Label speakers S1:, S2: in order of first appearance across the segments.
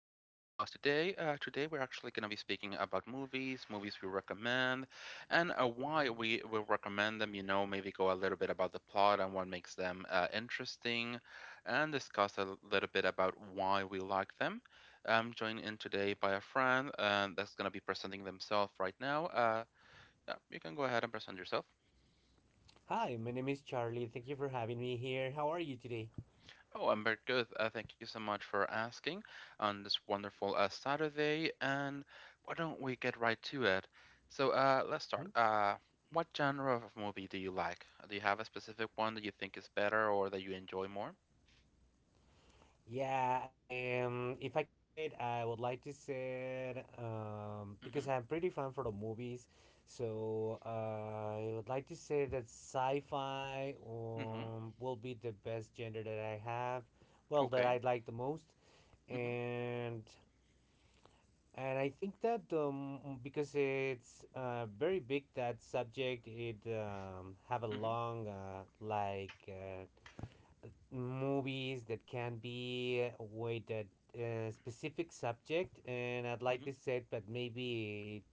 S1: today. Today, we're actually going to be speaking about movies, movies we recommend, and why we will recommend them. Maybe go a little bit about the plot and what makes them interesting, and discuss a little bit about why we like them. I'm joined in today by a friend that's going to be presenting themselves right now. Yeah, you can go ahead and present yourself.
S2: Hi, my name is Charlie. Thank you for having me here. How are you today?
S1: Oh, I'm very good. Thank you so much for asking on this wonderful Saturday. And why don't we get right to it? So, let's
S2: Hmm?
S1: start. What genre of movie do you like? Do you have a specific one that you think is better or that you enjoy more?
S2: Yeah, if I can say it, I would like to say it
S1: Mm-hmm.
S2: because I'm pretty fan for the movies. So I would like to say that sci-fi
S1: Mm-hmm.
S2: will be the best gender that I have. Well, that
S1: Okay.
S2: I like the most.
S1: Mm-hmm.
S2: And And I think that because it's very big that subject, it have a
S1: Mm-hmm.
S2: long like movies that can be with a specific subject, and I'd like
S1: Mm-hmm.
S2: to say that maybe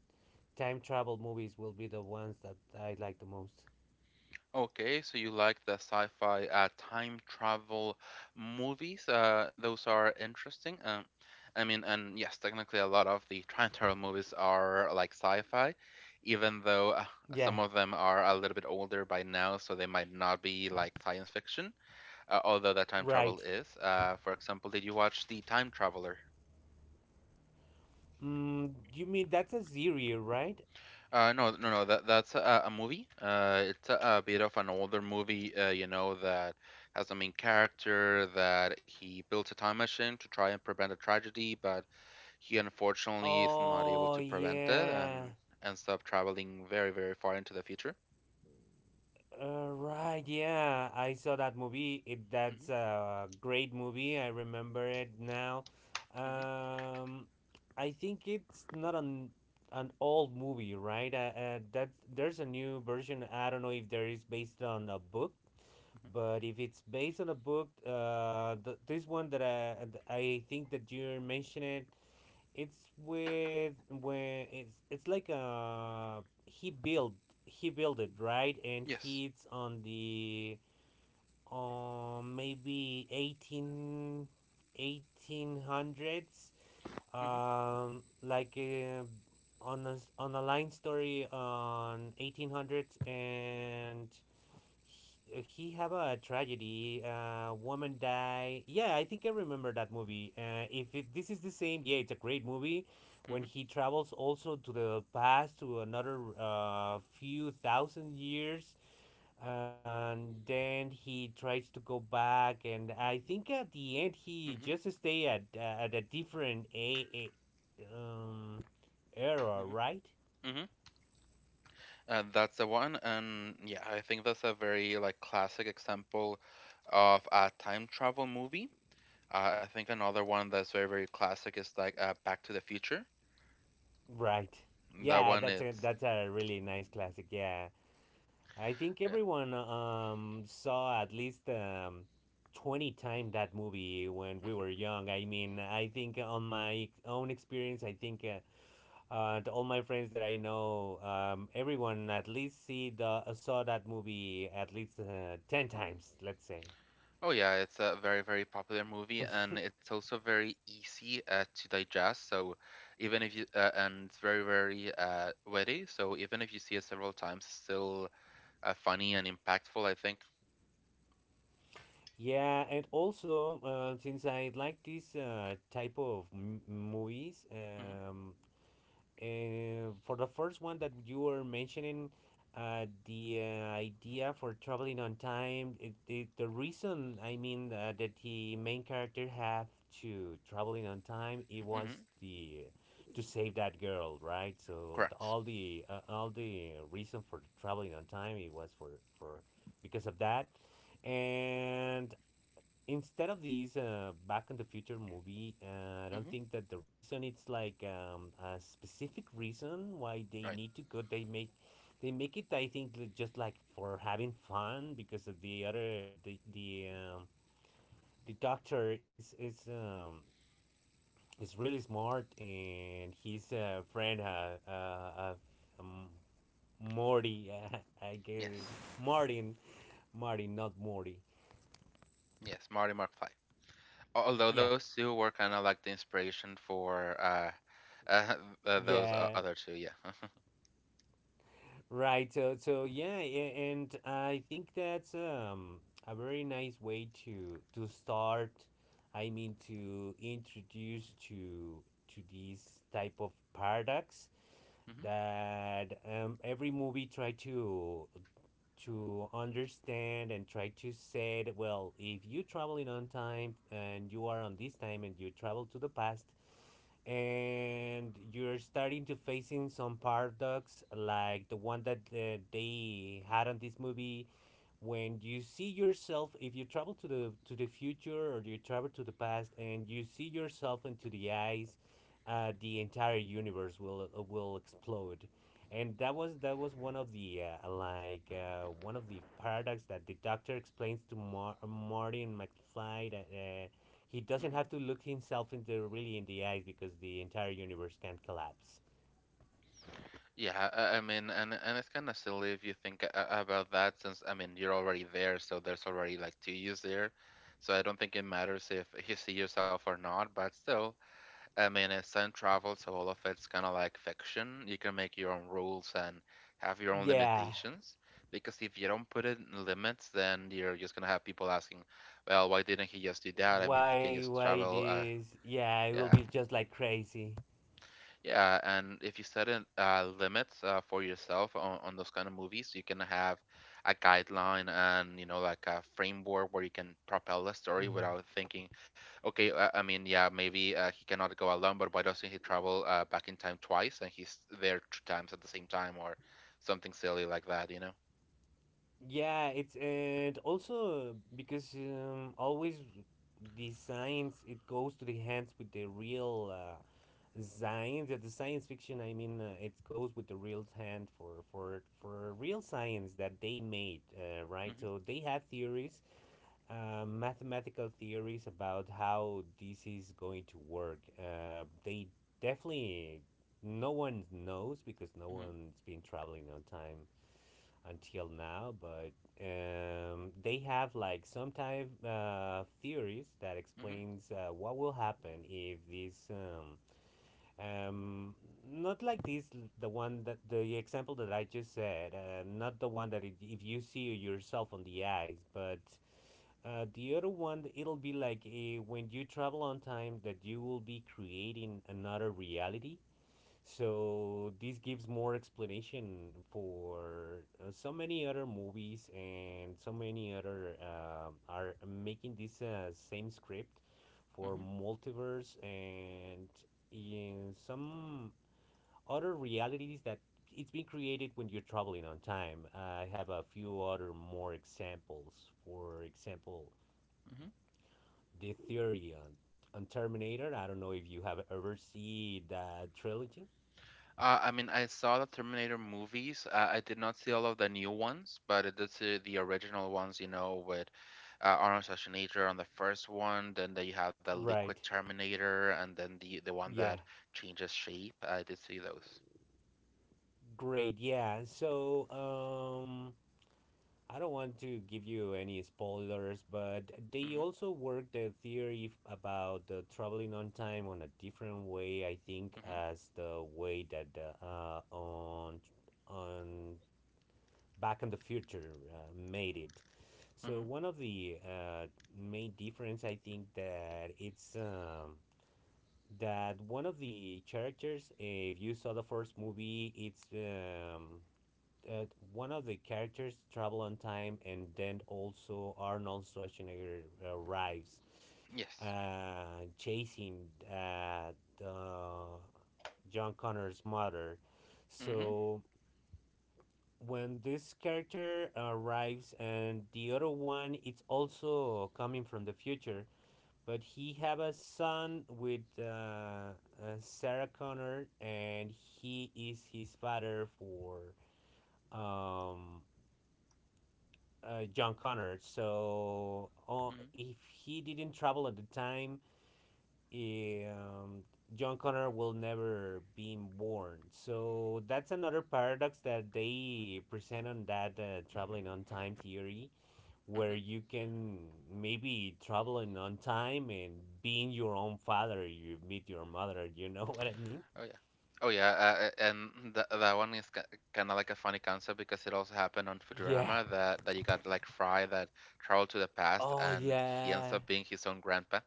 S2: time travel movies will be the ones that I like the most.
S1: Okay, so you like the sci-fi time travel movies. Those are interesting. I mean, and yes, technically a lot of the time travel movies are like sci-fi, even though
S2: Yeah,
S1: some of them are a little bit older by now, so they might not be like science fiction, although that time travel
S2: right.
S1: is. For example, did you watch The Time Traveler?
S2: You mean that's a series, right?
S1: No, no, no. That's a movie. It's a bit of an older movie. That has a main character that he builds a time machine to try and prevent a tragedy, but he unfortunately is not able
S2: Oh
S1: to prevent it
S2: yeah.
S1: and ends up traveling very, very far into the future.
S2: Right, yeah, I saw that movie. It
S1: Mm-hmm.
S2: that's a great movie. I remember it now.
S1: Mm-hmm.
S2: Um, I think it's not an old movie, right? That there's a new version. I don't know if there is based on a book,
S1: Hmm.
S2: but if it's based on a book, this one that I think that you're mentioning, it's with when it's like he built he built it, right? And
S1: Yes.
S2: he's on the maybe eighteen hundreds,
S1: Mm-hmm.
S2: like on a, on a line story on 1800s, and he have a tragedy. A woman die. Yeah, I think I remember that movie. If it, this is the same, yeah, it's a great movie. When
S1: Mm-hmm.
S2: he travels also to the past to another few thousand years, and then he tries to go back, and I think at the end he
S1: Mm-hmm.
S2: just stay at a different a era,
S1: Mm-hmm.
S2: right?
S1: Hmm. And that's the one. And yeah, I think that's a very like classic example of a time travel movie. I think another one that's very, very classic is like Back to the Future.
S2: Right.
S1: That
S2: Yeah,
S1: one,
S2: that's a
S1: it's
S2: that's a really nice classic. Yeah. I think
S1: yeah.
S2: everyone saw at least 20 times that movie when we were young. I mean, I think on my own experience, I think to all my friends that I know, everyone at least see the saw that movie at least 10 times, let's say.
S1: Oh yeah, it's a very, very popular movie, and it's also very easy to digest. So even if you and it's very, very witty. So even if you see it several times, it's still funny and impactful. I think.
S2: Yeah, and also since I like this type of movies,
S1: Mm-hmm.
S2: for the first one that you were mentioning, the idea for traveling on time, the reason, I mean, that the main character have to traveling on time, it was
S1: Mm-hmm.
S2: the to save that girl, right? So, the,
S1: Correct.
S2: all the all the reason for traveling on time, it was for because of that, and instead of these back in the future movie, I
S1: Mm-hmm.
S2: don't think that the reason it's like a specific reason why they
S1: Right.
S2: need to go they make it. I think just like for having fun, because of the other the doctor is really smart, and his friend, um, Morty, I guess.
S1: Yes.
S2: Martin martin not Morty.
S1: Yes. Marty McFly. Although
S2: Yeah,
S1: those two were kind of like the inspiration for those
S2: yeah.
S1: other two. Yeah.
S2: Right. So, yeah, and I think that's a very nice way to start. I mean, to introduce to these type of paradox
S1: Mhm.
S2: that every movie try to understand and try to say, well, if you traveling on time and you are on this time and you travel to the past and you're starting to facing some paradox like the one that they had on this movie, when you see yourself, if you travel to the future or you travel to the past and you see yourself into the eyes, the entire universe will explode. And that was one of the, one of the paradox that the doctor explains to Martin McFly, that he
S1: Mhm.
S2: doesn't have to look himself into really in the eyes because the entire universe can collapse.
S1: Yeah, I mean, and it's kind of silly if you think about that, since I mean you're already there, so there's already like two yous there, so I don't think it matters if you see yourself or not. But still, I mean, it's time travel, so all of it's kind of like fiction. You can make your own rules and have your own
S2: Yeah,
S1: limitations, because if you don't put it in limits, then you're just gonna have people asking, well, why didn't he just do that? I mean, he can
S2: why
S1: just
S2: why
S1: travel. Uh,
S2: this? Yeah, it will
S1: yeah.
S2: be just like crazy.
S1: Yeah, and if you set in limits for yourself on those kind of movies, you can have a guideline and like a framework where you can propel the story
S2: Mhm.
S1: without thinking, okay, I mean, yeah, maybe he cannot go alone, but why doesn't he travel back in time twice and he's there two times at the same time or something silly like that, you know?
S2: Yeah, it's and also because always the science it goes to the hands with the real science. At the science fiction, I mean, it goes with the real hand for real science that they made, right?
S1: Mm-hmm.
S2: So they had theories, mathematical theories about how this is going to work. They definitely No one knows because no
S1: Mm-hmm.
S2: one's been traveling on time until now, but they have like some type theories that
S1: Mm-hmm.
S2: explains what will happen if this, um, not like this, the one that the example that I just said, not the one that, if you see yourself on the eyes, but the other one it'll be like, when you travel on time, that you will be creating another reality, so this gives more explanation for so many other movies, and so many other are making this same script for multiverse and in some other realities that it's been created when you're traveling on time. I have a few other more examples. For example,
S1: Mm-hmm.
S2: the theory on Terminator. I don't know if you have ever seen that trilogy.
S1: I mean, I saw the Terminator movies. I did not see all of the new ones, but I did see the original ones, you know, with Arnold Schwarzenegger on the first one. Then they have the Liquid
S2: Right.
S1: Terminator, and then the one
S2: Yeah.
S1: that changes shape. I did see those.
S2: Great, yeah. So, I don't want to give you any spoilers, but they
S1: Mm-hmm.
S2: also work the theory about the traveling on time on a different way, I think,
S1: Mm-hmm.
S2: as the way that the, on Back in the Future made it. So
S1: Mm-hmm.
S2: one of the main difference, I think, that one of the characters, if you saw the first movie, it's uh, one of the characters travel on time, and then also Arnold Schwarzenegger arrives,
S1: Yes.
S2: chasing the John Connor's mother.
S1: Mm-hmm.
S2: So when this character arrives, and the other one, it's also coming from the future. But he have a son with, Sarah Connor, and he is his father for, um, John Connor. So
S1: Mm-hmm.
S2: if he didn't travel at the time, um, John Connor will never be born. So that's another paradox that they present on that traveling on time theory, where
S1: Mm-hmm.
S2: you can maybe travel in on time and being your own father, you meet your mother. You know what I mean?
S1: Oh yeah. Oh yeah, and that one is ki kind of like a funny concept because it also happened on
S2: Yeah.
S1: Futurama that you got like Fry that traveled to the past
S2: Oh
S1: and he ends
S2: yeah.
S1: up being his own grandpa.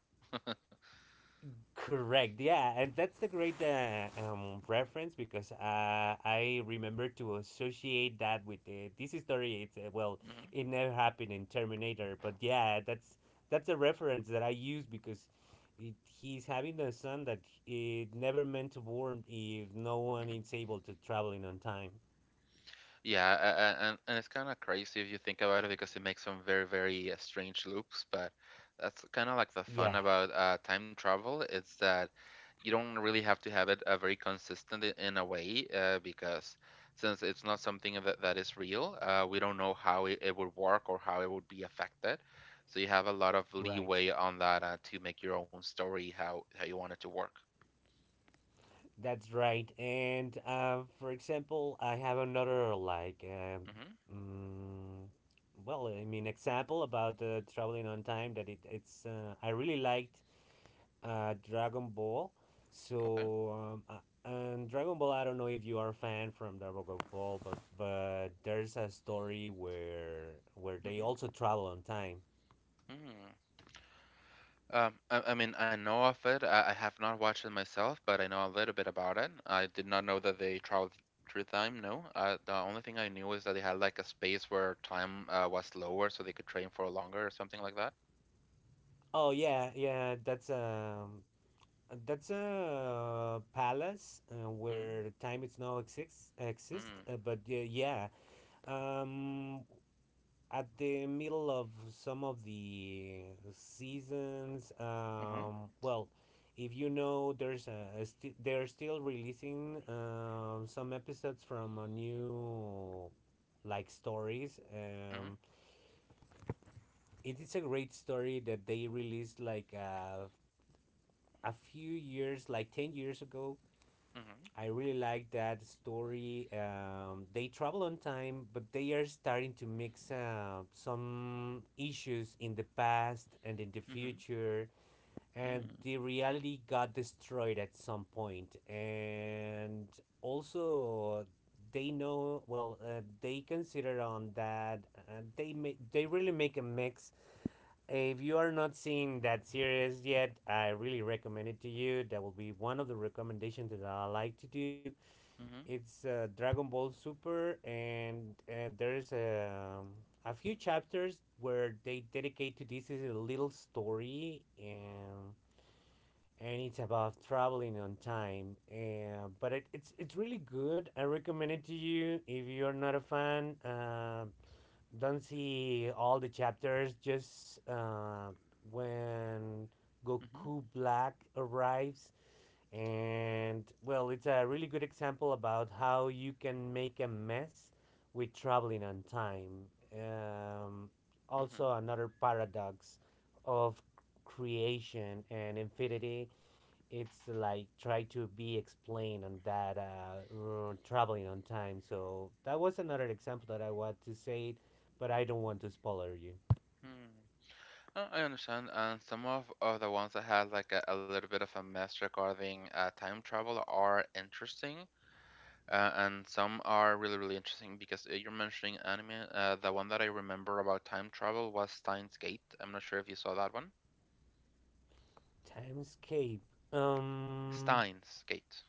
S2: Correct. Yeah, and that's a great reference because I remember to associate that with this story. It's Well,
S1: Hmm.
S2: it never happened in Terminator, but yeah, that's a reference that I use because, it, he's having the son that it never meant to born if no one is able to travel in on time.
S1: Yeah, and it's kind of crazy if you think about it because it makes some very, very strange loops. But that's kind of like the fun
S2: Yeah,
S1: about time travel. It's that you don't really have to have it very consistent in a way, because since it's not something that is real, we don't know how it would work or how it would be affected. So you have a lot of
S2: right.
S1: leeway on that to make your own story how you want it to work.
S2: That's right. And for example, I have another, like,
S1: Hmm.
S2: mm, well, I mean, example about traveling on time that, it, it's I really liked, Dragon Ball.
S1: Okay.
S2: So and Dragon Ball, I don't know if you are a fan from Dragon Ball, but there's a story where they also travel on time.
S1: Hmm. I mean, I know of it. I have not watched it myself, but I know a little bit about it. I did not know that they traveled through time. No, the only thing I knew is that they had like a space where time was lower, so they could train for longer or something like that.
S2: Oh yeah, yeah, that's a palace
S1: Mm-hmm.
S2: where time is now exists exist, but yeah, um, at the middle of some of the seasons,
S1: Mm-hmm.
S2: well, if you know, there's they're still releasing some episodes from a new like stories.
S1: Mm-hmm.
S2: It is a great story that they released like, a few years, like 10 years ago.
S1: Mm-hmm.
S2: I really like that story. They travel on time, but they are starting to mix some issues in the past and in the
S1: Mm-hmm.
S2: future. And the reality got destroyed at some point. And also, they know well. They consider on that. They really make a mix. If you are not seeing that series yet, I really recommend it to you. That will be one of the recommendations that I like to do.
S1: Mm-hmm.
S2: It's Dragon Ball Super, and there's a few chapters where they dedicate to, this is a little story, and it's about traveling on time. And but it's really good. I recommend it to you if you're not a fan. Don't see all the chapters. Just when
S1: Mm-hmm. Mm-hmm.
S2: Goku Black arrives. And, well, it's a really good example about how you can make a mess with traveling on time. Also, another paradox of creation and infinity. It's like try to be explained on that traveling on time. So that was another example that I want to say, but I don't want to spoiler you.
S1: I understand. And some of the ones that had like a little bit of a mess regarding time travel are interesting. And some are really, really interesting because you're mentioning anime. The one that I remember about time travel was Steins Gate. I'm not sure if you saw that one.
S2: Timescape. Um,
S1: Steins Gate.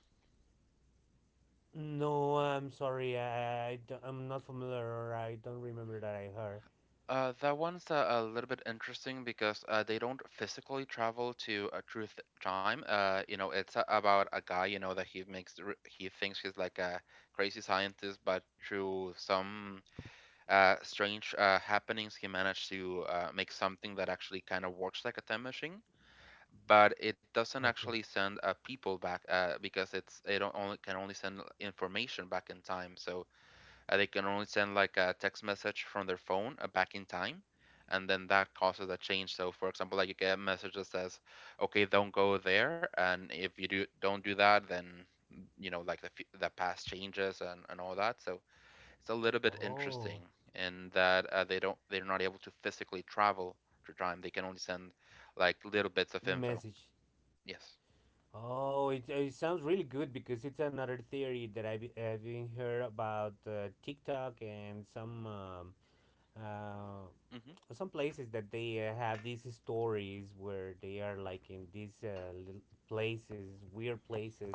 S2: No, I'm sorry. I'm not familiar, or I don't remember that I heard.
S1: That one's a little bit interesting because they don't physically travel to a truth time. It's about a guy. You know that he thinks he's like a crazy scientist, but through some strange happenings, he managed to make something that actually kind of works like a time machine but it doesn't actually
S2: Okay.
S1: send people back, because it's it o- only can only send information back in time. So they can only send like a text message from their phone back in time, and then that causes a change. So for example, like you get a message that says, "Okay, don't go there," and if you do don't do that, then like the past changes and all that. So it's a little bit
S2: Oh,
S1: interesting in that they're not able to physically travel through time. They can only send like little bits of info.
S2: message.
S1: Yes.
S2: Oh, it sounds really good because it's another theory that I've been heard about TikTok and uh,
S1: Mhm,
S2: some places that they have these stories where they are like in these little places, weird places.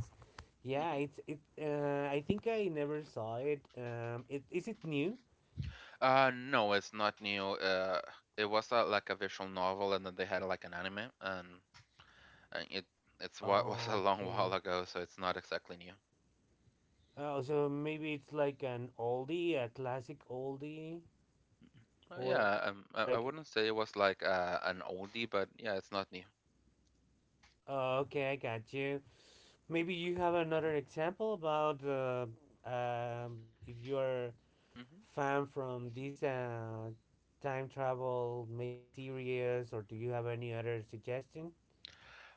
S1: mhm.
S2: Yeah, it's it. I think I never saw it. Is it new?
S1: No, it's not new. It was like a visual novel, and then they had like an anime, and it's what was a long
S2: Okay.
S1: while ago, so it's not exactly new.
S2: Oh, so maybe it's like an oldie, a classic oldie,
S1: Uh,
S2: or
S1: yeah,
S2: it's
S1: um,
S2: just
S1: I, I
S2: like,
S1: wouldn't say it was like an oldie, but yeah, it's not new.
S2: oh, okay, I got you. Maybe you have another example about if you're
S1: Mhm.
S2: fan from this time travel, maybe series, or do you have any other suggestion?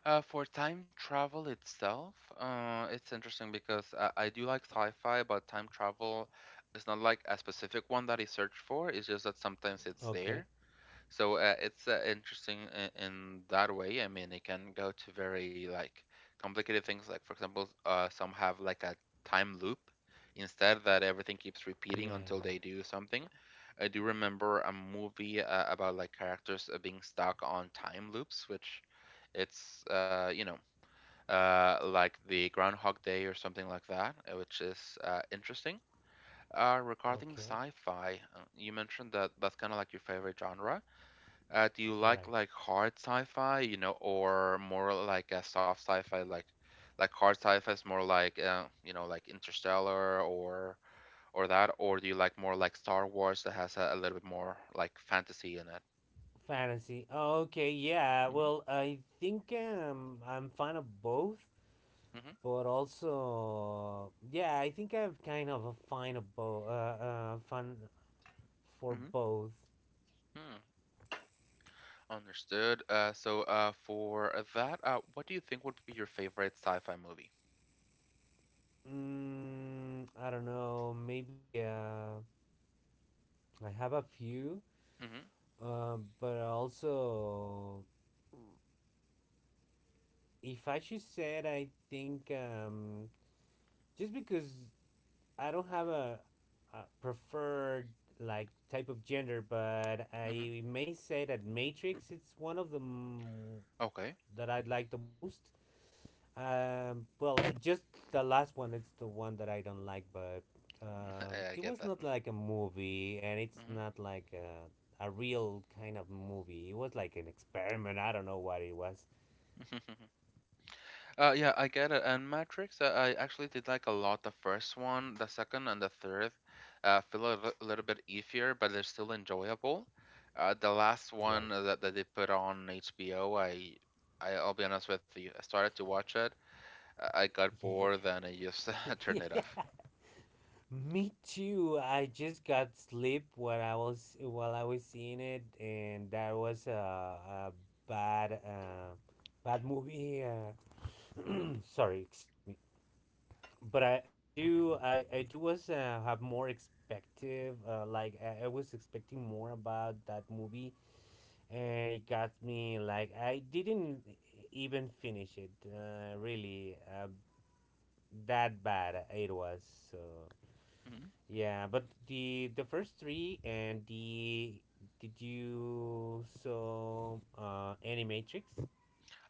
S1: For time travel itself, it's interesting because I do like sci-fi, but time travel is not like a specific one that I search for. It's just that sometimes it's there.
S2: Okay.
S1: So it's interesting in that way. I mean, it can go to very like complicated things. Like for example, some have like a time loop instead that everything keeps repeating
S2: Yeah.
S1: until they do something. I do remember a movie about like characters being stuck on time loops, which it's like the Groundhog Day or something like that, which is interesting. Regarding
S2: Okay.
S1: sci-fi, you mentioned that that's kind of like your favorite genre. Do you like
S2: Right.
S1: like hard sci-fi, you know, or more like a soft sci-fi, like hard sci-fi is more like you know, like Interstellar or that, or do you like more like Star Wars that has a little bit more like fantasy in it?
S2: Fantasy. Okay. Yeah.
S1: Mm-hmm.
S2: Well, I think I'm fan of both.
S1: Mm-hmm.
S2: But also, yeah, I think I have kind of a fine of both fun for
S1: Hmm.
S2: both.
S1: Hmm. Understood. So, for that, what do you think would be your favorite sci-fi movie?
S2: I don't know, maybe I have a few.
S1: Mm-hmm.
S2: But also, if I should say it, I think just because I don't have a preferred like type of gender, but
S1: Mm-hmm.
S2: I may say that Matrix, it's one of
S1: Okay.
S2: that I'd like the most. Well, just the last one. It's the one that I don't like, but
S1: I
S2: it was
S1: get that.
S2: not like a movie, and it's not like a real kind of movie. It was like an experiment. I don't know what it was.
S1: Mm-hmm. Yeah, I get it. And Matrix, I actually did like a lot the first one. The second and the third feel a little bit iffier, but they're still enjoyable. The last one
S2: Right.
S1: that they put on HBO, I will be honest with you, I started to watch it. I got
S2: Yeah.
S1: bored and I just turned it
S2: yeah.
S1: off.
S2: Me too. I just got sleep while I was seeing it, and that was a bad bad movie.
S1: Hmm.
S2: Sorry, excuse me. But I do was have more expective like I was expecting more about that movie, and it got me like I didn't even finish it really, that bad it was. So
S1: Hmm.
S2: yeah, but the first three and the, did you saw Animatrix?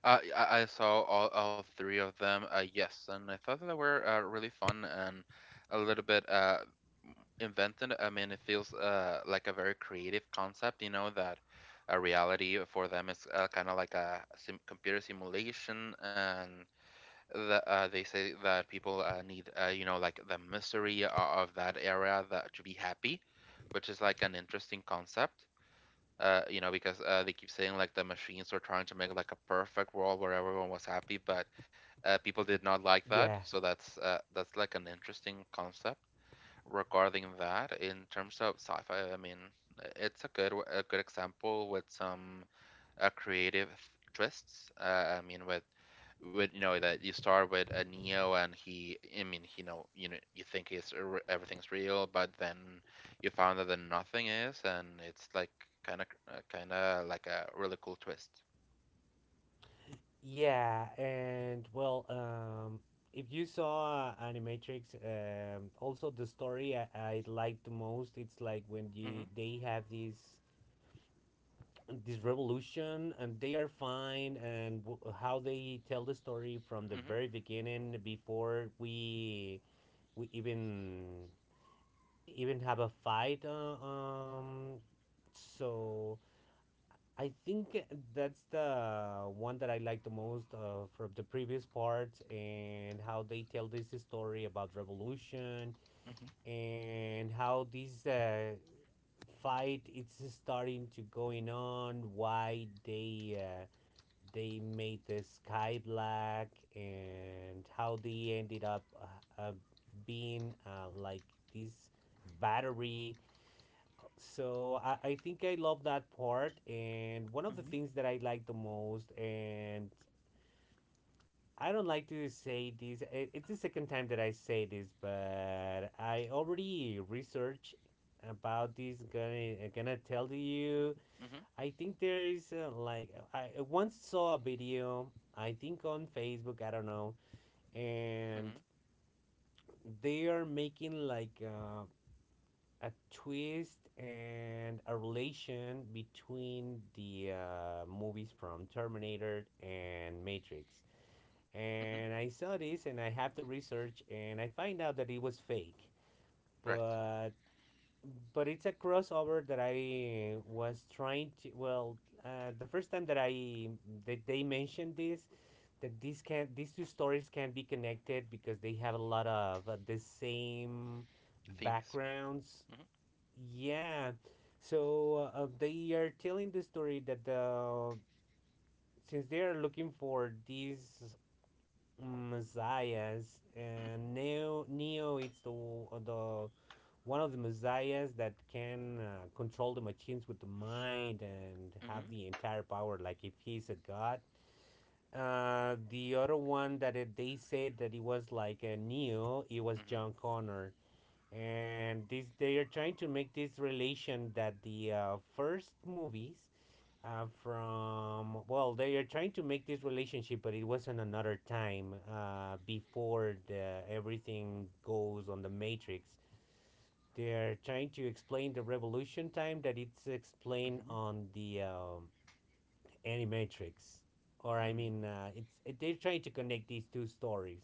S1: I saw all three of them. Yes, and I thought that they were really fun and a little bit invented. I mean, it feels like a very creative concept. You know that a reality for them is kind of like a sim computer simulation, and they say that people need like the mystery of that area that to be happy, which is like an interesting concept, because they keep saying like the machines were trying to make like a perfect world where everyone was happy, but people did not like that.
S2: Yeah.
S1: So that's like an interesting concept regarding that. In terms of sci-fi, I mean, it's a good example with some creative twists. With you know that you start with a Neo and he I mean he know you think it's a everything's real, but then you found out that nothing is, and it's like kind of like a really cool twist.
S2: Yeah, and well, if you saw Animatrix, also the story I like the most, it's like when you
S1: Mhm.
S2: they have this, this revolution, and they are fine, and how they tell the story from the
S1: Mhm.
S2: very beginning, before we even have a fight, so I think that's the one that I like the most from the previous parts, and how they tell this story about revolution,
S1: Hmm.
S2: and how this fight it's starting to going on, why they made the sky black, and how they ended up being like this battery. So I think I love that part, and one of the
S1: Hmm.
S2: things that I like the most, and I don't like to say this, it's the second time that I say this, but I already researched about this, gonna tell you.
S1: Mhm.
S2: I think there is like I once saw a video, I think, on Facebook, I don't know, and
S1: Mhm.
S2: they are making like a twist and a relation between the movies from Terminator and Matrix.
S1: Mhm.
S2: And I saw this and I have to research, and I find out that it was fake.
S1: Right.
S2: But but it's a crossover that I was trying to, well, the first time that I that they mentioned this, that these two stories can be connected because they have a lot of the same
S1: Themes.
S2: backgrounds.
S1: Mhm.
S2: Yeah. So they are telling the story that since they are looking for these messiahs,
S1: Mhm.
S2: and Neo, it's the one of the messiahs that can control the machines with the mind and have
S1: Mhm.
S2: the entire power, like if he's a god. The other one that it, they said that it was like a Neo, it was
S1: Mhm.
S2: John Connor, and this, they are trying to make this relation that the first movies from, well, they are trying to make this relationship, but it wasn't another time before everything goes on the Matrix. They are trying to explain the revolution time that it's explained
S1: Hmm.
S2: on the Animatrix, or I mean
S1: Hmm.
S2: it's they're trying to connect these two stories.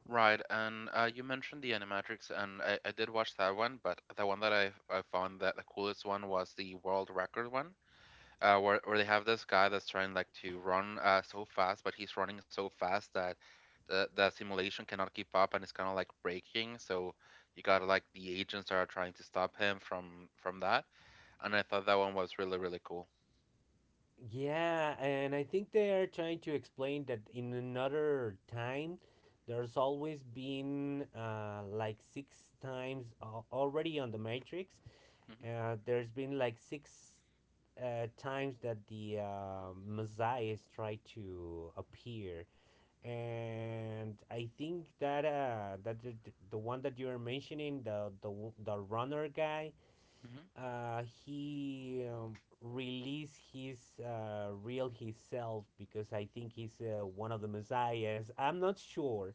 S1: Right, and you mentioned the Animatrix, and I did watch that one, but the one that I found that the coolest one was the world record one. Where they have this guy that's trying like to run so fast, but he's running so fast that the simulation cannot keep up, and it's kind of like breaking. So you got like the agents that are trying to stop him from that, and I thought that one was really really cool.
S2: Yeah, and I think they are trying to explain that in another time, there's always been like six times already on the Matrix. There's been like six times that the Messiah tried to appear, and I think that the, the one that you were mentioning, the runner guy,
S1: Hmm.
S2: he released his real himself, because I think he's one of the messiahs. I'm not sure,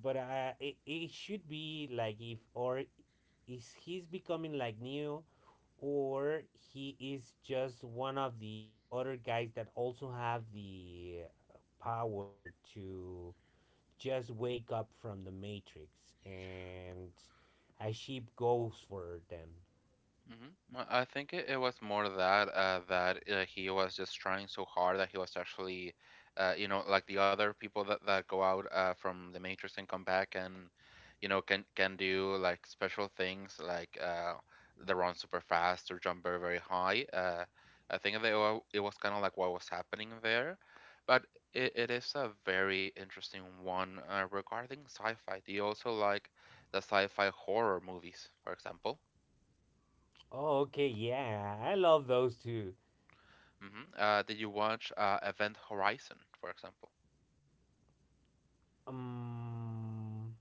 S2: but it, it should be like if or is, he's becoming like new, or he is just one of the other guys that also have the power to just wake up from the Matrix, and a ship goes for them.
S1: Hmm. Well, I think it was more that he was just trying so hard that he was actually, you know, like the other people that go out from the Matrix and come back and, you know, can do like special things like they run super fast or jump very very high. I think that it was kind of like what was happening there, but it is a very interesting one regarding sci-fi. Do you also like the sci-fi horror movies, for example?
S2: Oh, okay, yeah, I love those two.
S1: Hmm. Did you watch Event Horizon, for example?
S2: Um,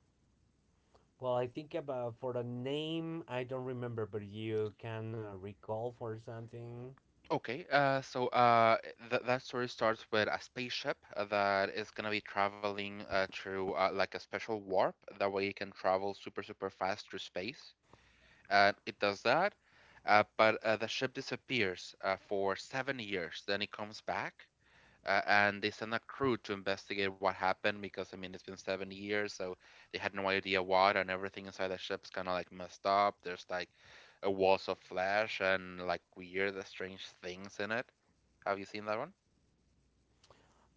S2: well, I think about for the name, I don't remember, but you can recall for something.
S1: Okay, so th that story starts with a spaceship that is gonna be traveling through like a special warp. That way, it can travel super, super fast through space. It does that, but the ship disappears for 7 years. Then it comes back, and they sent a crew to investigate what happened because I mean it's been 7 years, so they had no idea what, and everything inside the ship's kind of like messed up. There's like a walls of flesh and like weird, strange things in it. Have you seen that one?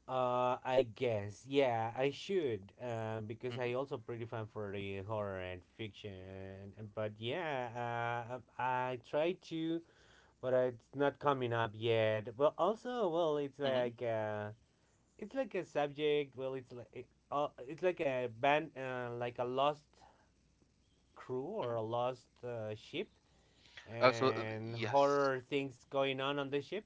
S2: I guess, yeah, I should, because
S1: Mm-hmm.
S2: I also pretty fan for the horror and fiction. But yeah, I try to, but it's not coming up yet. But also, well,
S1: Mm-hmm.
S2: it's like a subject. Well, it's like. It, it's like a band like a lost crew
S1: Hmm.
S2: or a lost ship,
S1: Uh, so uh,
S2: and
S1: yes,
S2: horror things going on the ship?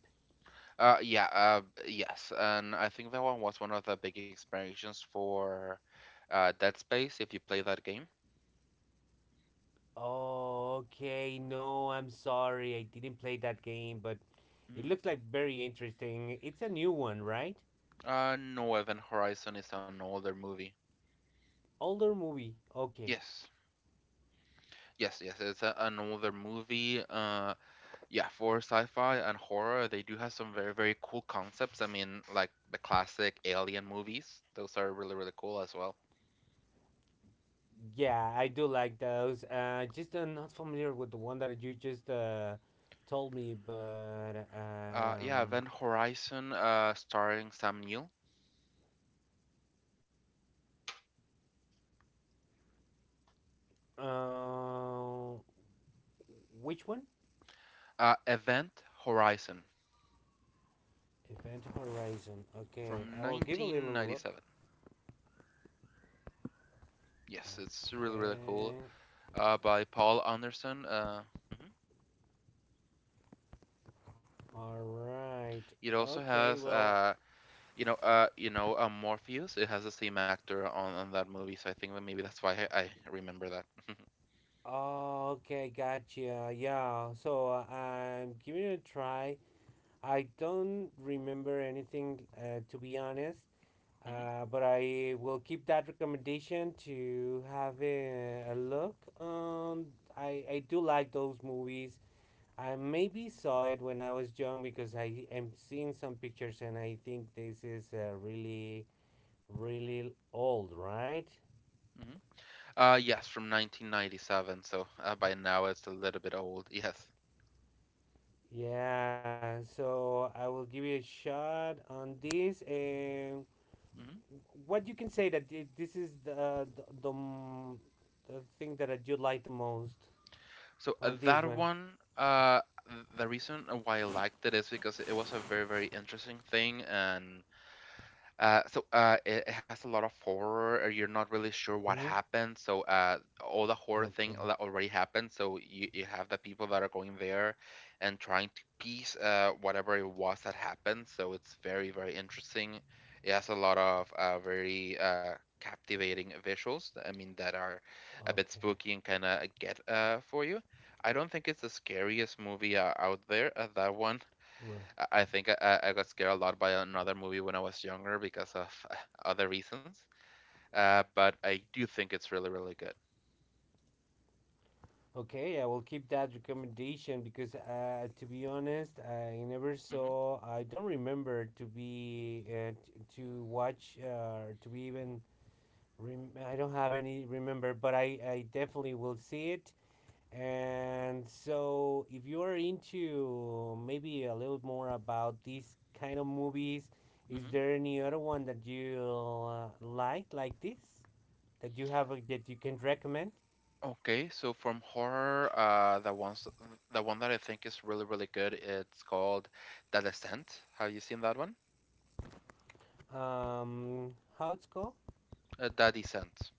S1: uh, yeah, uh, yes, and I think that one was one of the big inspirations for Dead Space. If you play that game,
S2: Oh, okay. No, I'm sorry. I didn't play that game, but it looks
S1: mm.
S2: like very interesting. It's a new one, right?
S1: No, Event Horizon is an older movie.
S2: Older movie. Okay.
S1: Yes. Yes, it's another movie. Yeah, for sci-fi and horror, they do have some very, very cool concepts. I mean, like the classic Alien movies; those are really, really cool as well.
S2: Yeah, I do like those. Just not familiar with the one that you just told me, but
S1: Yeah, Event Horizon, starring Sam Neill.
S2: uh, which one?
S1: Event Horizon
S2: Event Horizon. Okay,
S1: from
S2: I will give a little look.
S1: 1997. Yes, it's really, really cool.
S2: Okay.
S1: By Paul Anderson. Mhm.
S2: All right.
S1: It also
S2: Okay.
S1: has
S2: Well.
S1: Morpheus. It has the same actor on that movie, so I think that maybe that's why I remember that.
S2: Oh, okay. Gotcha. Yeah. So I'm giving it a try. I don't remember anything, to be honest.
S1: Hmm.
S2: But I will keep that recommendation to have a look. I do like those movies. I maybe saw it when I was young because I am seeing some pictures, and I think this is really really old, right?
S1: Hmm. Yes, from 1997. So by now it's a little bit old. Yes.
S2: Yeah, so I will give you a shot on this. And
S1: Hmm.
S2: what you can say that this is the thing that I do like the most
S1: So
S2: on this
S1: that
S2: one.
S1: one, uh, the reason why I liked it is because it was a very, very interesting thing, and it has a lot of horror. You're not really sure what
S2: Mm-hmm.
S1: happened. So all the horror thing
S2: Okay.
S1: already happened. So you have the people that are going there and trying to piece whatever it was that happened. So it's very, very interesting. It has a lot of very captivating visuals. I mean, that are a bit
S2: Okay.
S1: spooky and kind of get for you. I don't think it's the scariest movie out there. Uh, that one
S2: Right.
S1: I I think I got scared a lot by another movie when I was younger because of other reasons. But I do think it's really, really good.
S2: Okay, I will keep that recommendation because, to be honest, I never
S1: Hmm.
S2: saw. I don't remember to be to watch, to be even. I don't have any remember, but I definitely will see it. And so, if you are into maybe a little more about these kind of movies, is
S1: Hmm.
S2: there any other one that you like this, that you have that you can recommend?
S1: Okay, so from horror, the one that I think is really, really good, it's called The Descent. Have you seen that one?
S2: How it's called?
S1: The Descent.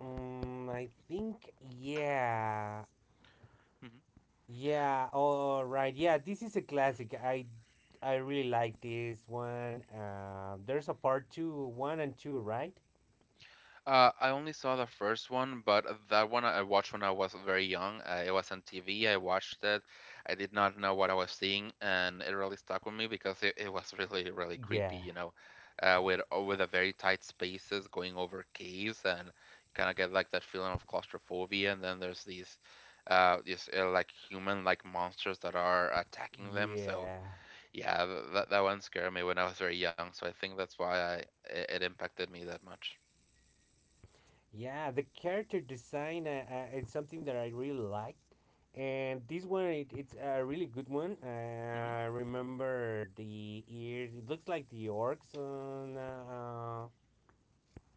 S2: I think yeah, yeah. All right, yeah. This is a classic. I really like this one. There's a part two, one and two, right?
S1: I only saw the first one, but that one I watched when I was very young. It was on TV. I watched it. I did not know what I was seeing, and it really stuck with me because it was really, really creepy,
S2: Yeah,
S1: you know, with the very tight spaces going over caves, and you kind of get like that feeling of claustrophobia. And then there's these, like human like monsters that are attacking them. So
S2: yeah.
S1: yeah, th that that one scared me when I was very young. So I think that's why it impacted me that much.
S2: Yeah, the character design it's something that I really like, and this one it, it's a really good one.
S1: Hmm.
S2: Remember the ears? It looks like the orcs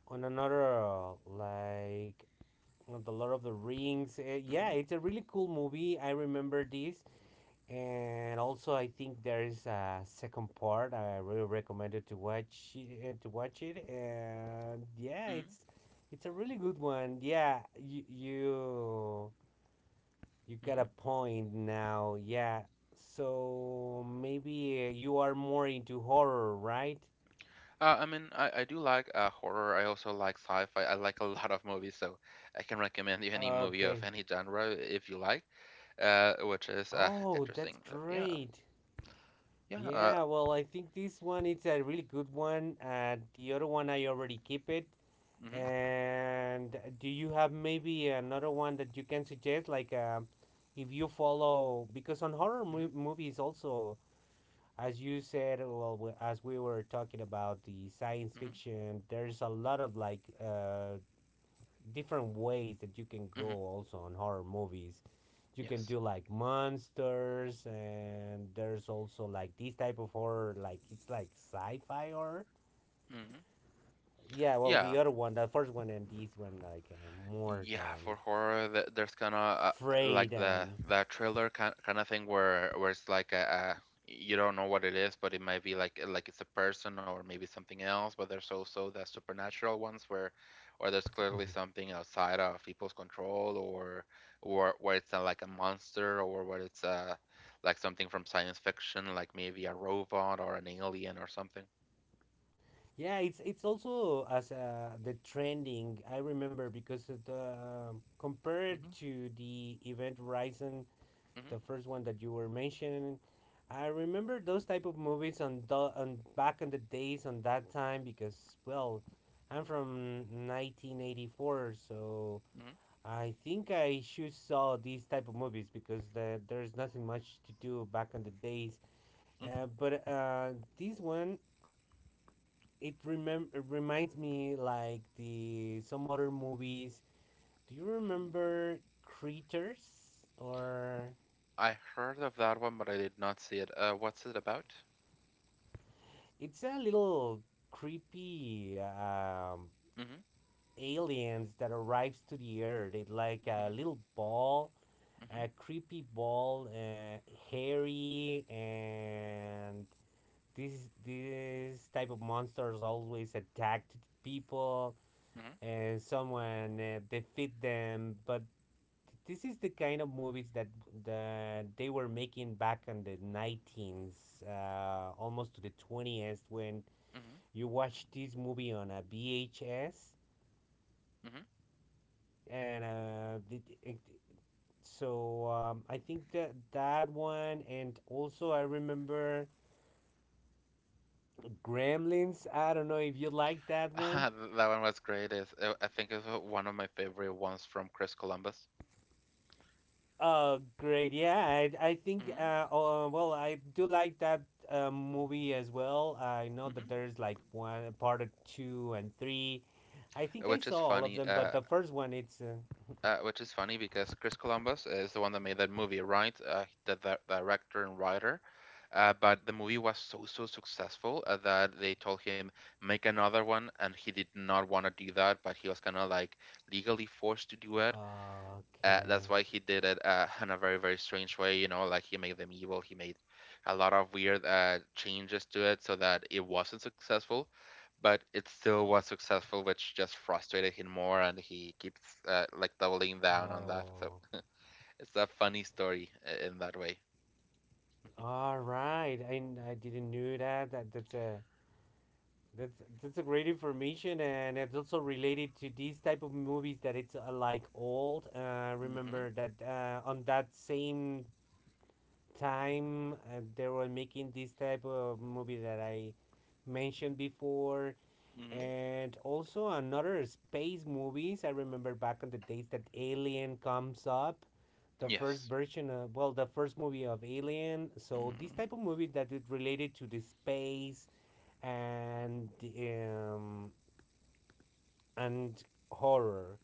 S2: on another like on the Lord of the Rings. Yeah,
S1: Hmm.
S2: it's a really cool movie. I remember this, and also, I think there is a second part. I really recommend it to watch it, to watch it. And yeah,
S1: Mhm,
S2: it's a really good one. Yeah, you got
S1: mhm.
S2: a point now. Yeah, so maybe you are more into horror, right?
S1: I mean, I do like horror. I also like sci-fi. I like a lot of movies, so I can recommend you any movie of
S2: Okay.
S1: any genre if you like, which is
S2: Oh, that's
S1: interesting. So, yeah,
S2: great.
S1: yeah.
S2: Yeah, well, I think this one it's a really good one. The other one I already keep it.
S1: Mm-hmm,
S2: And do you have maybe another one that you can suggest? Like, if you follow, because on horror
S1: mm-hmm,
S2: movies also, as you said, well, as we were talking about the science
S1: mm-hmm,
S2: fiction, there's a lot of like different ways that you can go
S1: hmm.
S2: also on horror movies. You can
S1: Yes.
S2: do like monsters, and there's also like this type of horror, like it's like sci-fi horror.
S1: Hmm.
S2: Yeah, well,
S1: Yeah.
S2: the other one, the first one, and this one, like more
S1: Yeah,
S2: than
S1: for horror, there's kind of like
S2: afraid,
S1: the
S2: and
S1: thriller kind of thing where it's like a you don't know what it is, but it might be like it's a person or maybe something else. But there's also the supernatural ones where or there's clearly something outside of people's control or where it's like a monster or where it's like something from science fiction, like maybe a robot or an alien or something.
S2: yeah, it's also as the trending. I remember because of the compared
S1: Hmm.
S2: to the Event Horizon,
S1: Hmm.
S2: the first one that you were mentioning, I remember those type of movies on the on back in the days on that time because well, I'm from 1984, so I think I should saw these type of movies because the, there's nothing much to do back in the days.
S1: Hmm.
S2: But this one, it remem it reminds me like the some other movies. Do you remember Creatures? Or
S1: I heard of that one, but I did not see it. What's it about?
S2: it's a little creepy
S1: Mhm,
S2: aliens that arrives to the earth. It's like a
S1: mhm,
S2: little ball,
S1: mhm,
S2: a creepy ball, hairy and these type of monsters always attacked people,
S1: mhm,
S2: and someone defeat them. But this is the kind of movies that they were making back in the 19s, almost to the 20s, when
S1: mhm,
S2: you watch this movie on a VHS.
S1: mhm.
S2: And it, so I think that that one, and also I remember Gremlins. I don't know if you like that
S1: That
S2: one.
S1: one was great. It's, I think it's one of my favorite ones from Chris Columbus.
S2: Oh, great. Yeah, I think,
S1: Mhm,
S2: I do like that movie as well. I know that
S1: mhm.
S2: there's like one part of two and three. I
S1: Uh,
S2: think I
S1: Which is
S2: saw all of
S1: funny,
S2: them, but
S1: uh,
S2: the first one, it's.
S1: which is funny because Chris Columbus is the one that made that movie, right? The director and writer. But the movie was so, so successful that they told him, make another one, and he did not want to do that, but he was kind of like legally forced to do it. That's
S2: Okay.
S1: why he did it in a very very strange way, you know, like he made them evil, he made a lot of weird changes to it so that it wasn't successful, but it still was successful, which just frustrated him more, and he keeps like doubling down on that. So
S2: Oh.
S1: it's a funny story in that way.
S2: All right. I didn't knew that That's, that's a great information, and it's also related to these type of movies that it's like old.
S1: Mm-hmm.
S2: Remember that on that same time they were making this type of movie that I mentioned before,
S1: Mm-hmm.
S2: and also another space movies. I remember back in the days that Alien comes up, the first
S1: Yes.
S2: version of, well, the first movie of Alien. So
S1: Mm-hmm.
S2: this type of movie that is related to the space and um and horror,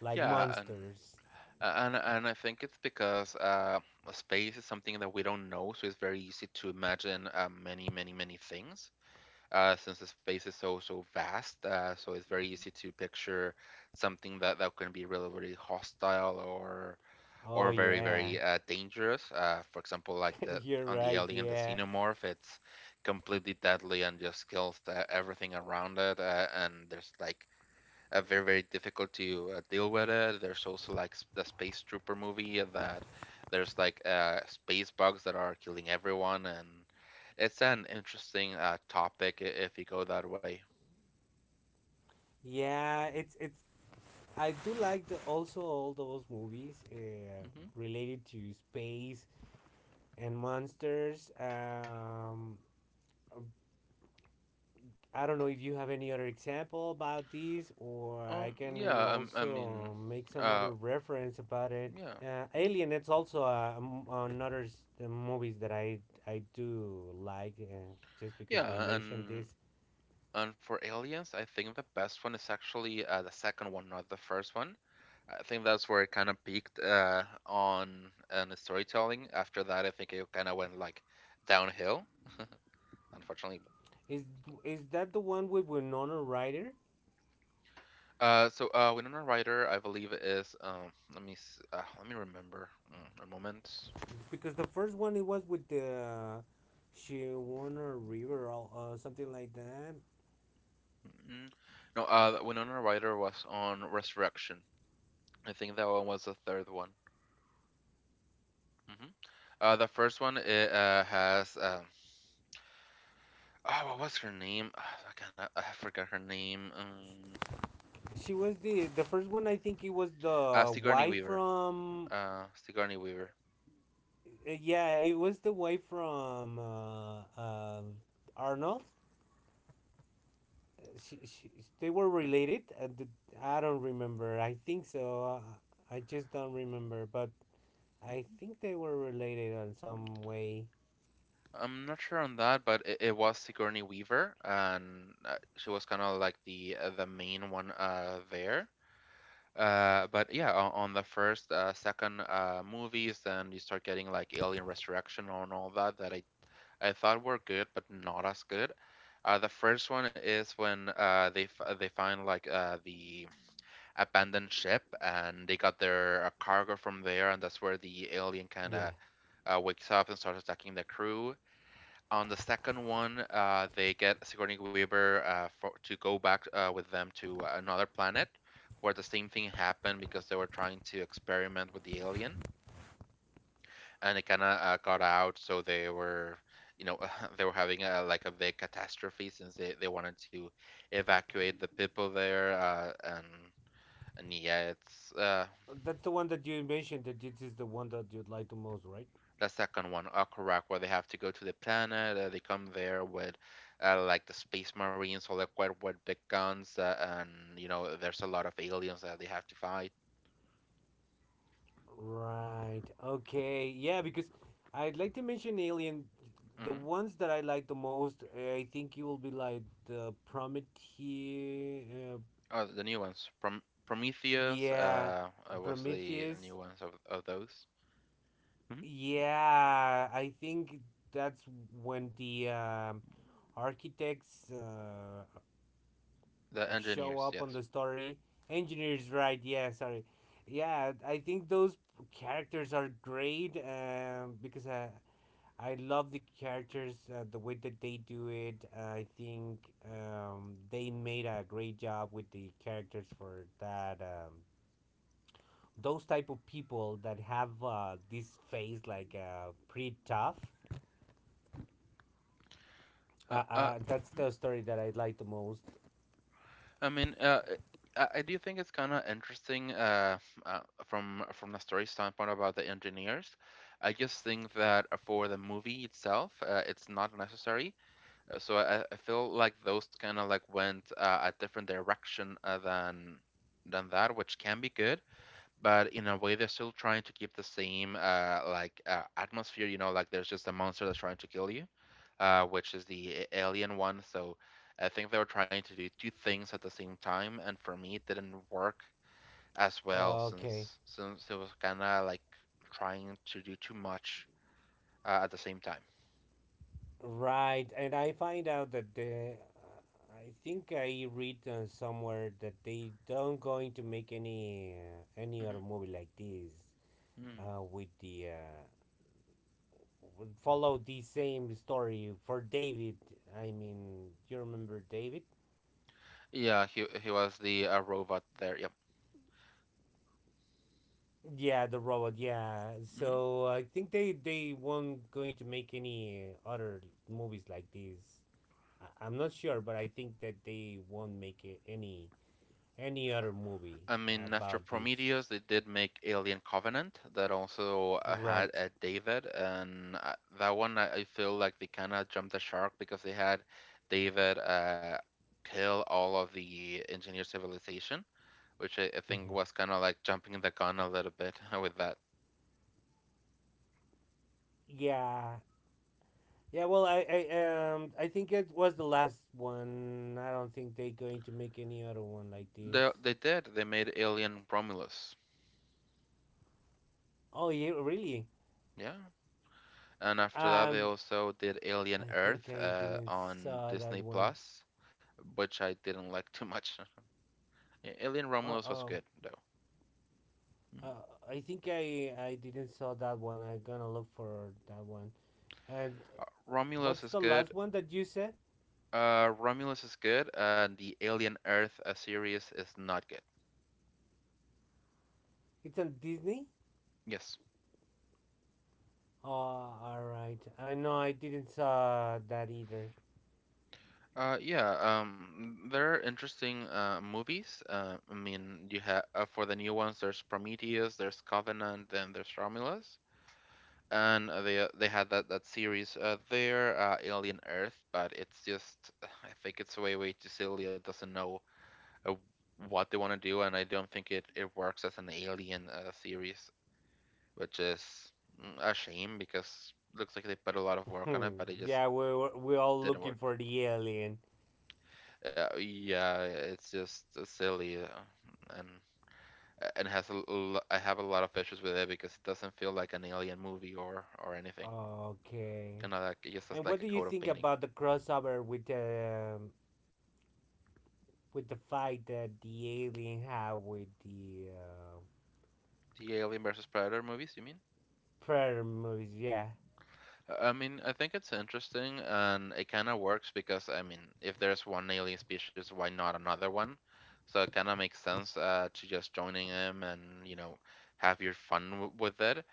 S2: like
S1: Yeah, and
S2: monsters.
S1: and I think it's because space is something that we don't know, so it's very easy to imagine many many many things since the space is so so vast, so it's very easy to picture something that can be really really hostile
S2: Oh
S1: or very
S2: yeah,
S1: very dangerous. For example, like the
S2: you're
S1: on the
S2: right,
S1: alien, the
S2: yeah.
S1: xenomorph, it's completely deadly and just kills everything around it, and there's like very very difficult to deal with it. There's also like the Space Trooper movie that there's like space bugs that are killing everyone, and it's an interesting topic if you go that way.
S2: Yeah, it's I do like the, also all those movies
S1: Hmm.
S2: related to space and monsters. I don't know if you have any other example about these, or I can
S1: Yeah, I mean,
S2: also make some
S1: uh,
S2: other reference about it.
S1: yeah, mm,
S2: Alien, it's also the movies that I do like. Just because we
S1: yeah,
S2: mentioned
S1: and
S2: this,
S1: for aliens, I think the best one is actually the second one, not the first one. I think that's where it kind of peaked on the storytelling. After that, I think it kind of went like downhill, unfortunately.
S2: is is that the one with Winona Ryder?
S1: Winona Ryder, I believe, is let me remember, mm, a moment.
S2: Because the first one it was with the, she won a river or something like that.
S1: Mm-mm. No, Winona Ryder was on Resurrection. I think that one was the third one. Hmm. The first one it has oh, what was her name? I kind of I forgot her name.
S2: She was the first one. I think it was the
S1: Sigourney
S2: wife
S1: Weaver.
S2: from.
S1: Sigourney Weaver.
S2: Yeah, it was the wife from Arnold. She, she, they were related. I don't remember. I think so. I just don't remember, but I
S1: Mhm.
S2: think they were related in some way.
S1: I'm not sure on that, but it was Sigourney Weaver, and she was kind of like the main one there. But yeah, on the first, second movies, then you start getting like Alien Resurrection and all that that I thought were good, but not as good. The first one is when they find like the abandoned ship and they got their cargo from there, and that's where the alien kind of
S2: Yeah,
S1: wakes up and starts attacking the crew. On the second one, they get Sigourney Weaver to go back with them to another planet where the same thing happened because they were trying to experiment with the alien, and it kind of got out. So they were, you know, they were having like a big catastrophe since they wanted to evacuate the people there. And yeah, it's
S2: that's the one that you mentioned. That this is the one that you'd like the most, right?
S1: the second one, correct, where they have to go to the planet. They come there with like the space marines, all equipped with big guns, and you know there's a lot of aliens that they have to fight.
S2: Right. Okay. Yeah, because I'd like to mention Alien. The
S1: Hmm.
S2: ones that I like the most, eh, I think you will be like the Prometheus. Uh,
S1: Oh, the new ones, Prometheus,
S2: yeah,
S1: was the new
S2: Prometheus.
S1: ones of those. Hmm.
S2: Yeah, I think that's when the architects
S1: The
S2: show
S1: engineers,
S2: up
S1: yes.
S2: on the story. Engineers, right? Yeah, sorry. Yeah, I think those characters are great because I love the characters, the way that they do it. I think they made a great job with the characters for that. Those type of people that have this face like pretty tough.
S1: Uh, uh,
S2: That's
S1: mhm.
S2: the story that I like the most.
S1: I mean, I do think it's kind of interesting, uh, from the story standpoint about the engineers. I just think that for the movie itself, it's not necessary. So I feel like those kind of like went a different direction than that, which can be good, but in a way they're still trying to keep the same like atmosphere. You know, like there's just a monster that's trying to kill you, which is the alien one. So I think they were trying to do two things at the same time, and for me it didn't work as well
S2: Okay,
S1: since it was kind of like trying to do too much at the same time.
S2: right. And I find out that I think I read somewhere that they don't going to make any other
S1: Hmm.
S2: movie like this
S1: Mm-hmm.
S2: with the would follow the same story for David. I mean, you remember David?
S1: Yeah, he was the robot there. Yep.
S2: Yeah, the robot. Yeah. So I think they won't going to make any other movies like this. I'm not sure, but I think that they won't make any other movie
S1: I mean, after
S2: about this.
S1: Prometheus, they did make Alien Covenant that also had
S2: Right.
S1: a David, and that one, I feel like they kind of jumped the shark because they had David kill all of the engineer civilization, which I think
S2: Hmm.
S1: was kind of like jumping the gun a little bit with that.
S2: Yeah. Yeah. Well, I I think it was the last one. I don't think they're going to make any other one like
S1: They
S2: this.
S1: they did. They made Alien Romulus.
S2: Oh yeah, really?
S1: Yeah. And after that, they
S2: Um,
S1: also did Alien
S2: I think
S1: Earth
S2: I didn't
S1: on
S2: saw that
S1: Disney
S2: one.
S1: Plus, which I didn't like too much. Yeah, Alien
S2: Uh,
S1: Romulus was
S2: um,
S1: good though. Mhm.
S2: uh, I think I didn't saw that one. I'm gonna look for that one. And
S1: Romulus
S2: what's
S1: is
S2: the
S1: good.
S2: last one that you said?
S1: Romulus is good. The Alien Earth series is not good.
S2: It's on Disney.
S1: Yes.
S2: Oh, all right. I know I didn't saw that either.
S1: Yeah. There are interesting movies. I mean, you have for the new ones. There's Prometheus. There's Covenant. Then there's Romulus. And they had that series there, Alien Earth. But it's just, I think it's way way too silly. It doesn't know uh, what they want to do, and I don't think it works as an Alien series, which is a shame because looks like they put a lot of work on it,
S2: Hmm.
S1: but it just
S2: Yeah, we were we all
S1: didn't
S2: looking
S1: work.
S2: for the alien.
S1: Yeah, it's just silly, and has a I have a lot of issues with it because it doesn't feel like an Alien movie or anything.
S2: Okay.
S1: Kind of like it just has
S2: And what
S1: like a
S2: do you
S1: coat of
S2: think
S1: painting.
S2: about the crossover with the fight that the alien had with the
S1: The Alien versus Predator movies, you mean?
S2: Predator movies, yeah.
S1: I mean, I think it's interesting and it kind of works because, I mean, if there's one alien species, why not another one? So it kind of makes sense to just joining them and, have your fun w with it.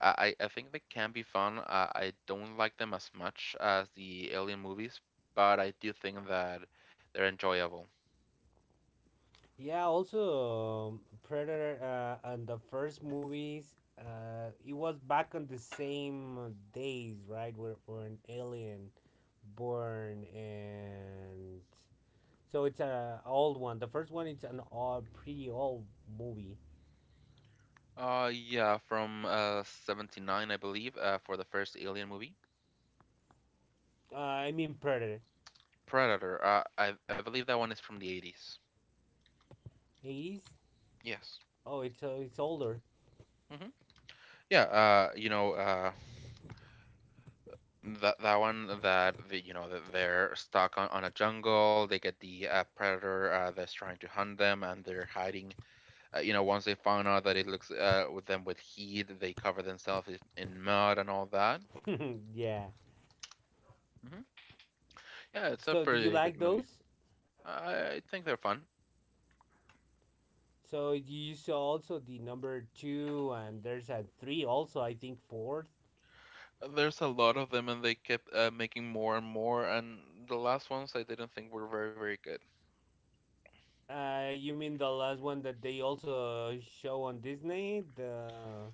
S1: I think they can be fun. I don't like them as much as the alien movies, but I do think that they're enjoyable.
S2: Yeah, also Predator and the first movies, it was back on the same days, right? Where an alien born, and so it's a old one. The first one it's an old, pretty old movie.
S1: Yeah, from 79, I believe, for the first alien movie.
S2: I mean Predator,
S1: Predator. I believe that one is from the 80s.
S2: eighties.
S1: Yes.
S2: Oh, it's older.
S1: Yeah, you know, that one that you know that they're stuck on a jungle. They get the predator that's trying to hunt them, and they're hiding. You know, once they found out that it looks with them with heat, they cover themselves in mud and all that.
S2: Yeah.
S1: Hmm. Yeah, it's a
S2: So do you
S1: pretty good
S2: like
S1: movie.
S2: those?
S1: I think they're fun.
S2: So you saw also the number two, and there's a three also. I think fourth.
S1: There's a lot of them, and they kept making more and more. And the last ones I didn't think were very very good.
S2: You mean the last one that they also show on Disney?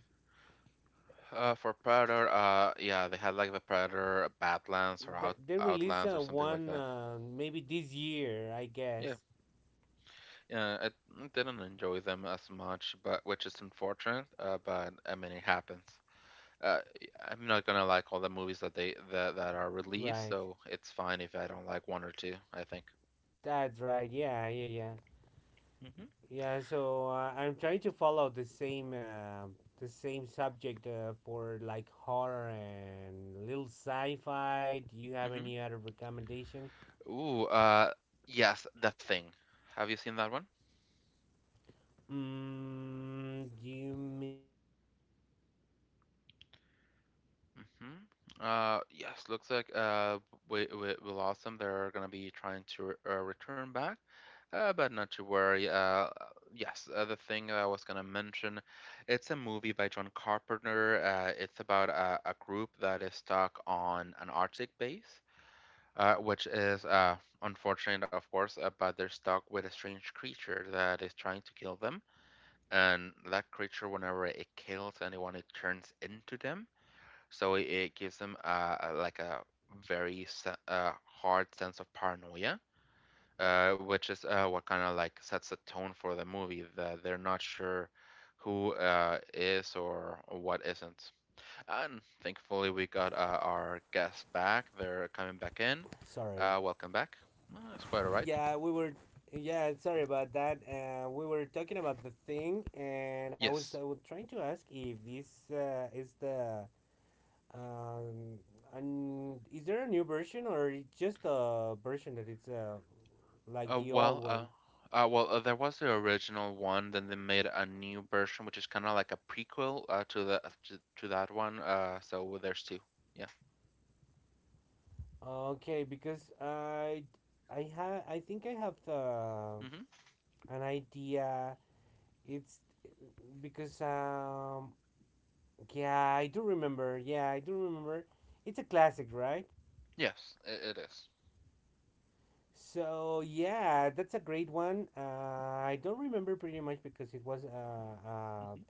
S1: For Predator, yeah, they had like the Predator Badlands or
S2: The they released
S1: Outlands or something like
S2: one
S1: that.
S2: maybe this year, I
S1: Yeah,
S2: guess.
S1: yeah, I didn't enjoy them as much, but which is unfortunate. But I mean, it happens. Uh, I'm not gonna like all the movies that are released,
S2: Right.
S1: so it's fine if I don't like one or two, I think.
S2: That's right. Yeah, yeah, yeah.
S1: Hmm.
S2: Yeah, so I'm trying to follow the same subject for like horror and little sci-fi. Do you have
S1: Hmm.
S2: any other recommendation?
S1: Ooh, yes, The Thing. Have you seen that one? Hmm. Yes, looks like we lost them. They're gonna be trying to return back. But not to worry. Yes, the thing that I was gonna mention, it's a movie by John Carpenter. It's about a group that is stuck on an Arctic base, which is unfortunate, of course, but they're stuck with a strange creature that is trying to kill them. And that creature, whenever it kills anyone, it turns into them. So it gives them like a very hard sense of paranoia, which is what kind of like sets a tone for the movie that they're not sure who is or what isn't. And thankfully, we got our guests back. They're coming back in. Welcome back. That's quite all right. Yes. Well, well, there was the original one. Then they made a new version, which is kind of like a prequel to the to that one. So there's two. Yeah. Hmm. Yes, it is. Mhm.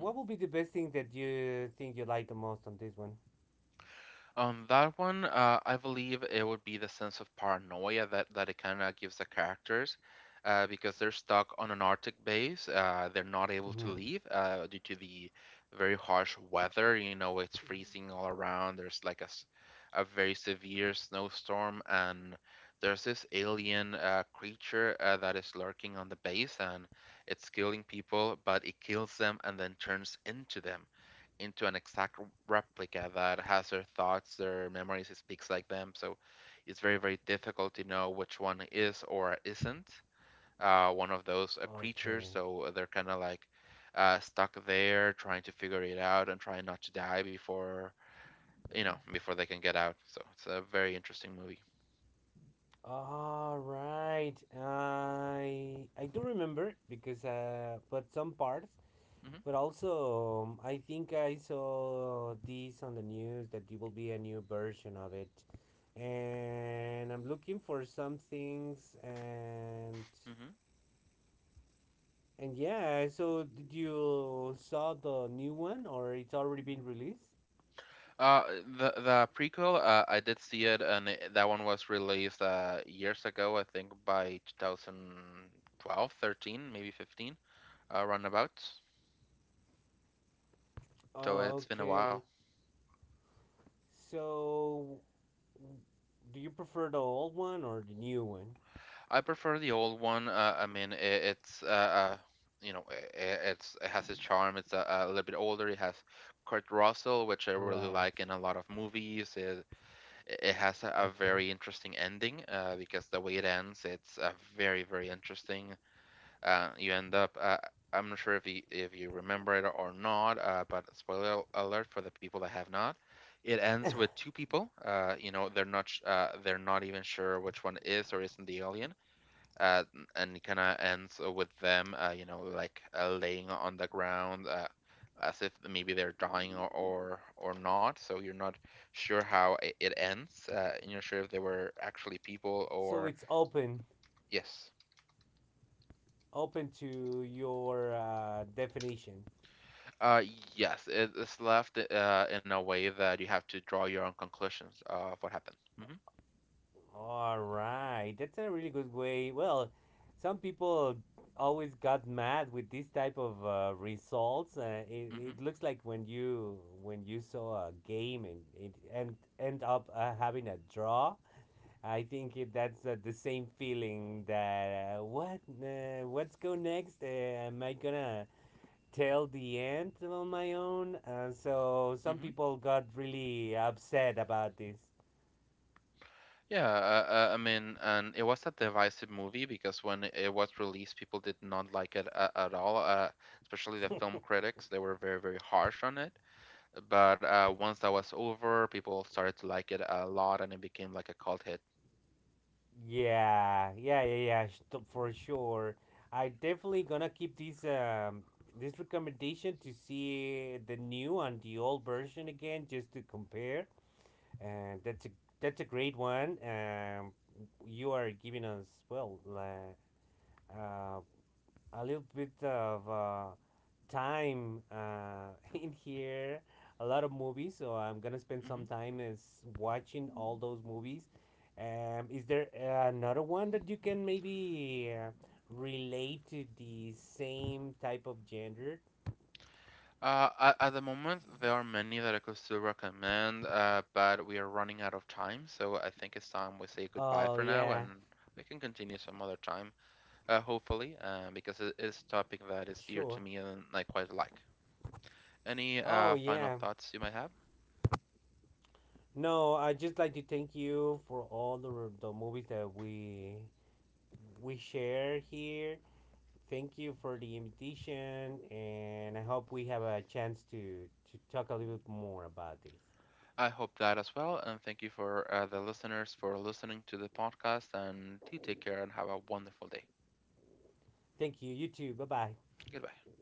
S1: Mhm. On that one, I believe it would be the sense of paranoia that it kind of gives the characters because they're stuck on an Arctic base. They're not able to leave due to the very harsh weather. You know, it's freezing all around. There's like a very severe snowstorm, and there's this alien creature that is lurking on the base, and it's killing people, but it kills them and then turns into them, into an exact replica that has their thoughts, their memories, it speaks like them. So it's very, very difficult to know which one is or isn't one of those creatures. So they're kind of like stuck there, trying to figure it out and trying not to die before before they can get out. So it's a very interesting movie. Hmm. Hmm. Uh, the prequel, I did see it, and that one was released years ago, I think by 2012, 13, maybe 15, roundabouts. So it's been a while. I prefer the old one. I mean, it, it's you know, it has its charm. It's a little bit older. It has Kurt Russell, which I really like in a lot of movies. It has a very interesting ending because the way it ends, it's very very interesting. You end up. I'm not sure if if you remember it or not, but spoiler alert for the people that have not. It ends with two people. You know, they're not even sure which one is or isn't the alien. Uh, and it kind of ends with them. You know, like laying on the ground. As if maybe they're dying or not, so you're not sure how it ends. And you're not sure if they were actually people or yes. Uh, yes, it is left in a way that you have to draw your own conclusions of what happened. Hmm. Hmm. Hmm. Yeah, I mean, and it was a divisive movie because when it was released, people did not like it at all. Especially the film critics, they were very, very harsh on it. But once that was over, people started to like it a lot, and it became like a cult hit. Mm-hmm. At at the moment, there are many that I could still recommend, but we are running out of time, so I think it's time we say goodbye for now, and we can continue some other time, hopefully, because it is a topic that is dear to me and I quite like. Any final thoughts you might have? I hope that as well, and thank you for the listeners for listening to the podcast, and do take care and have a wonderful day. Goodbye.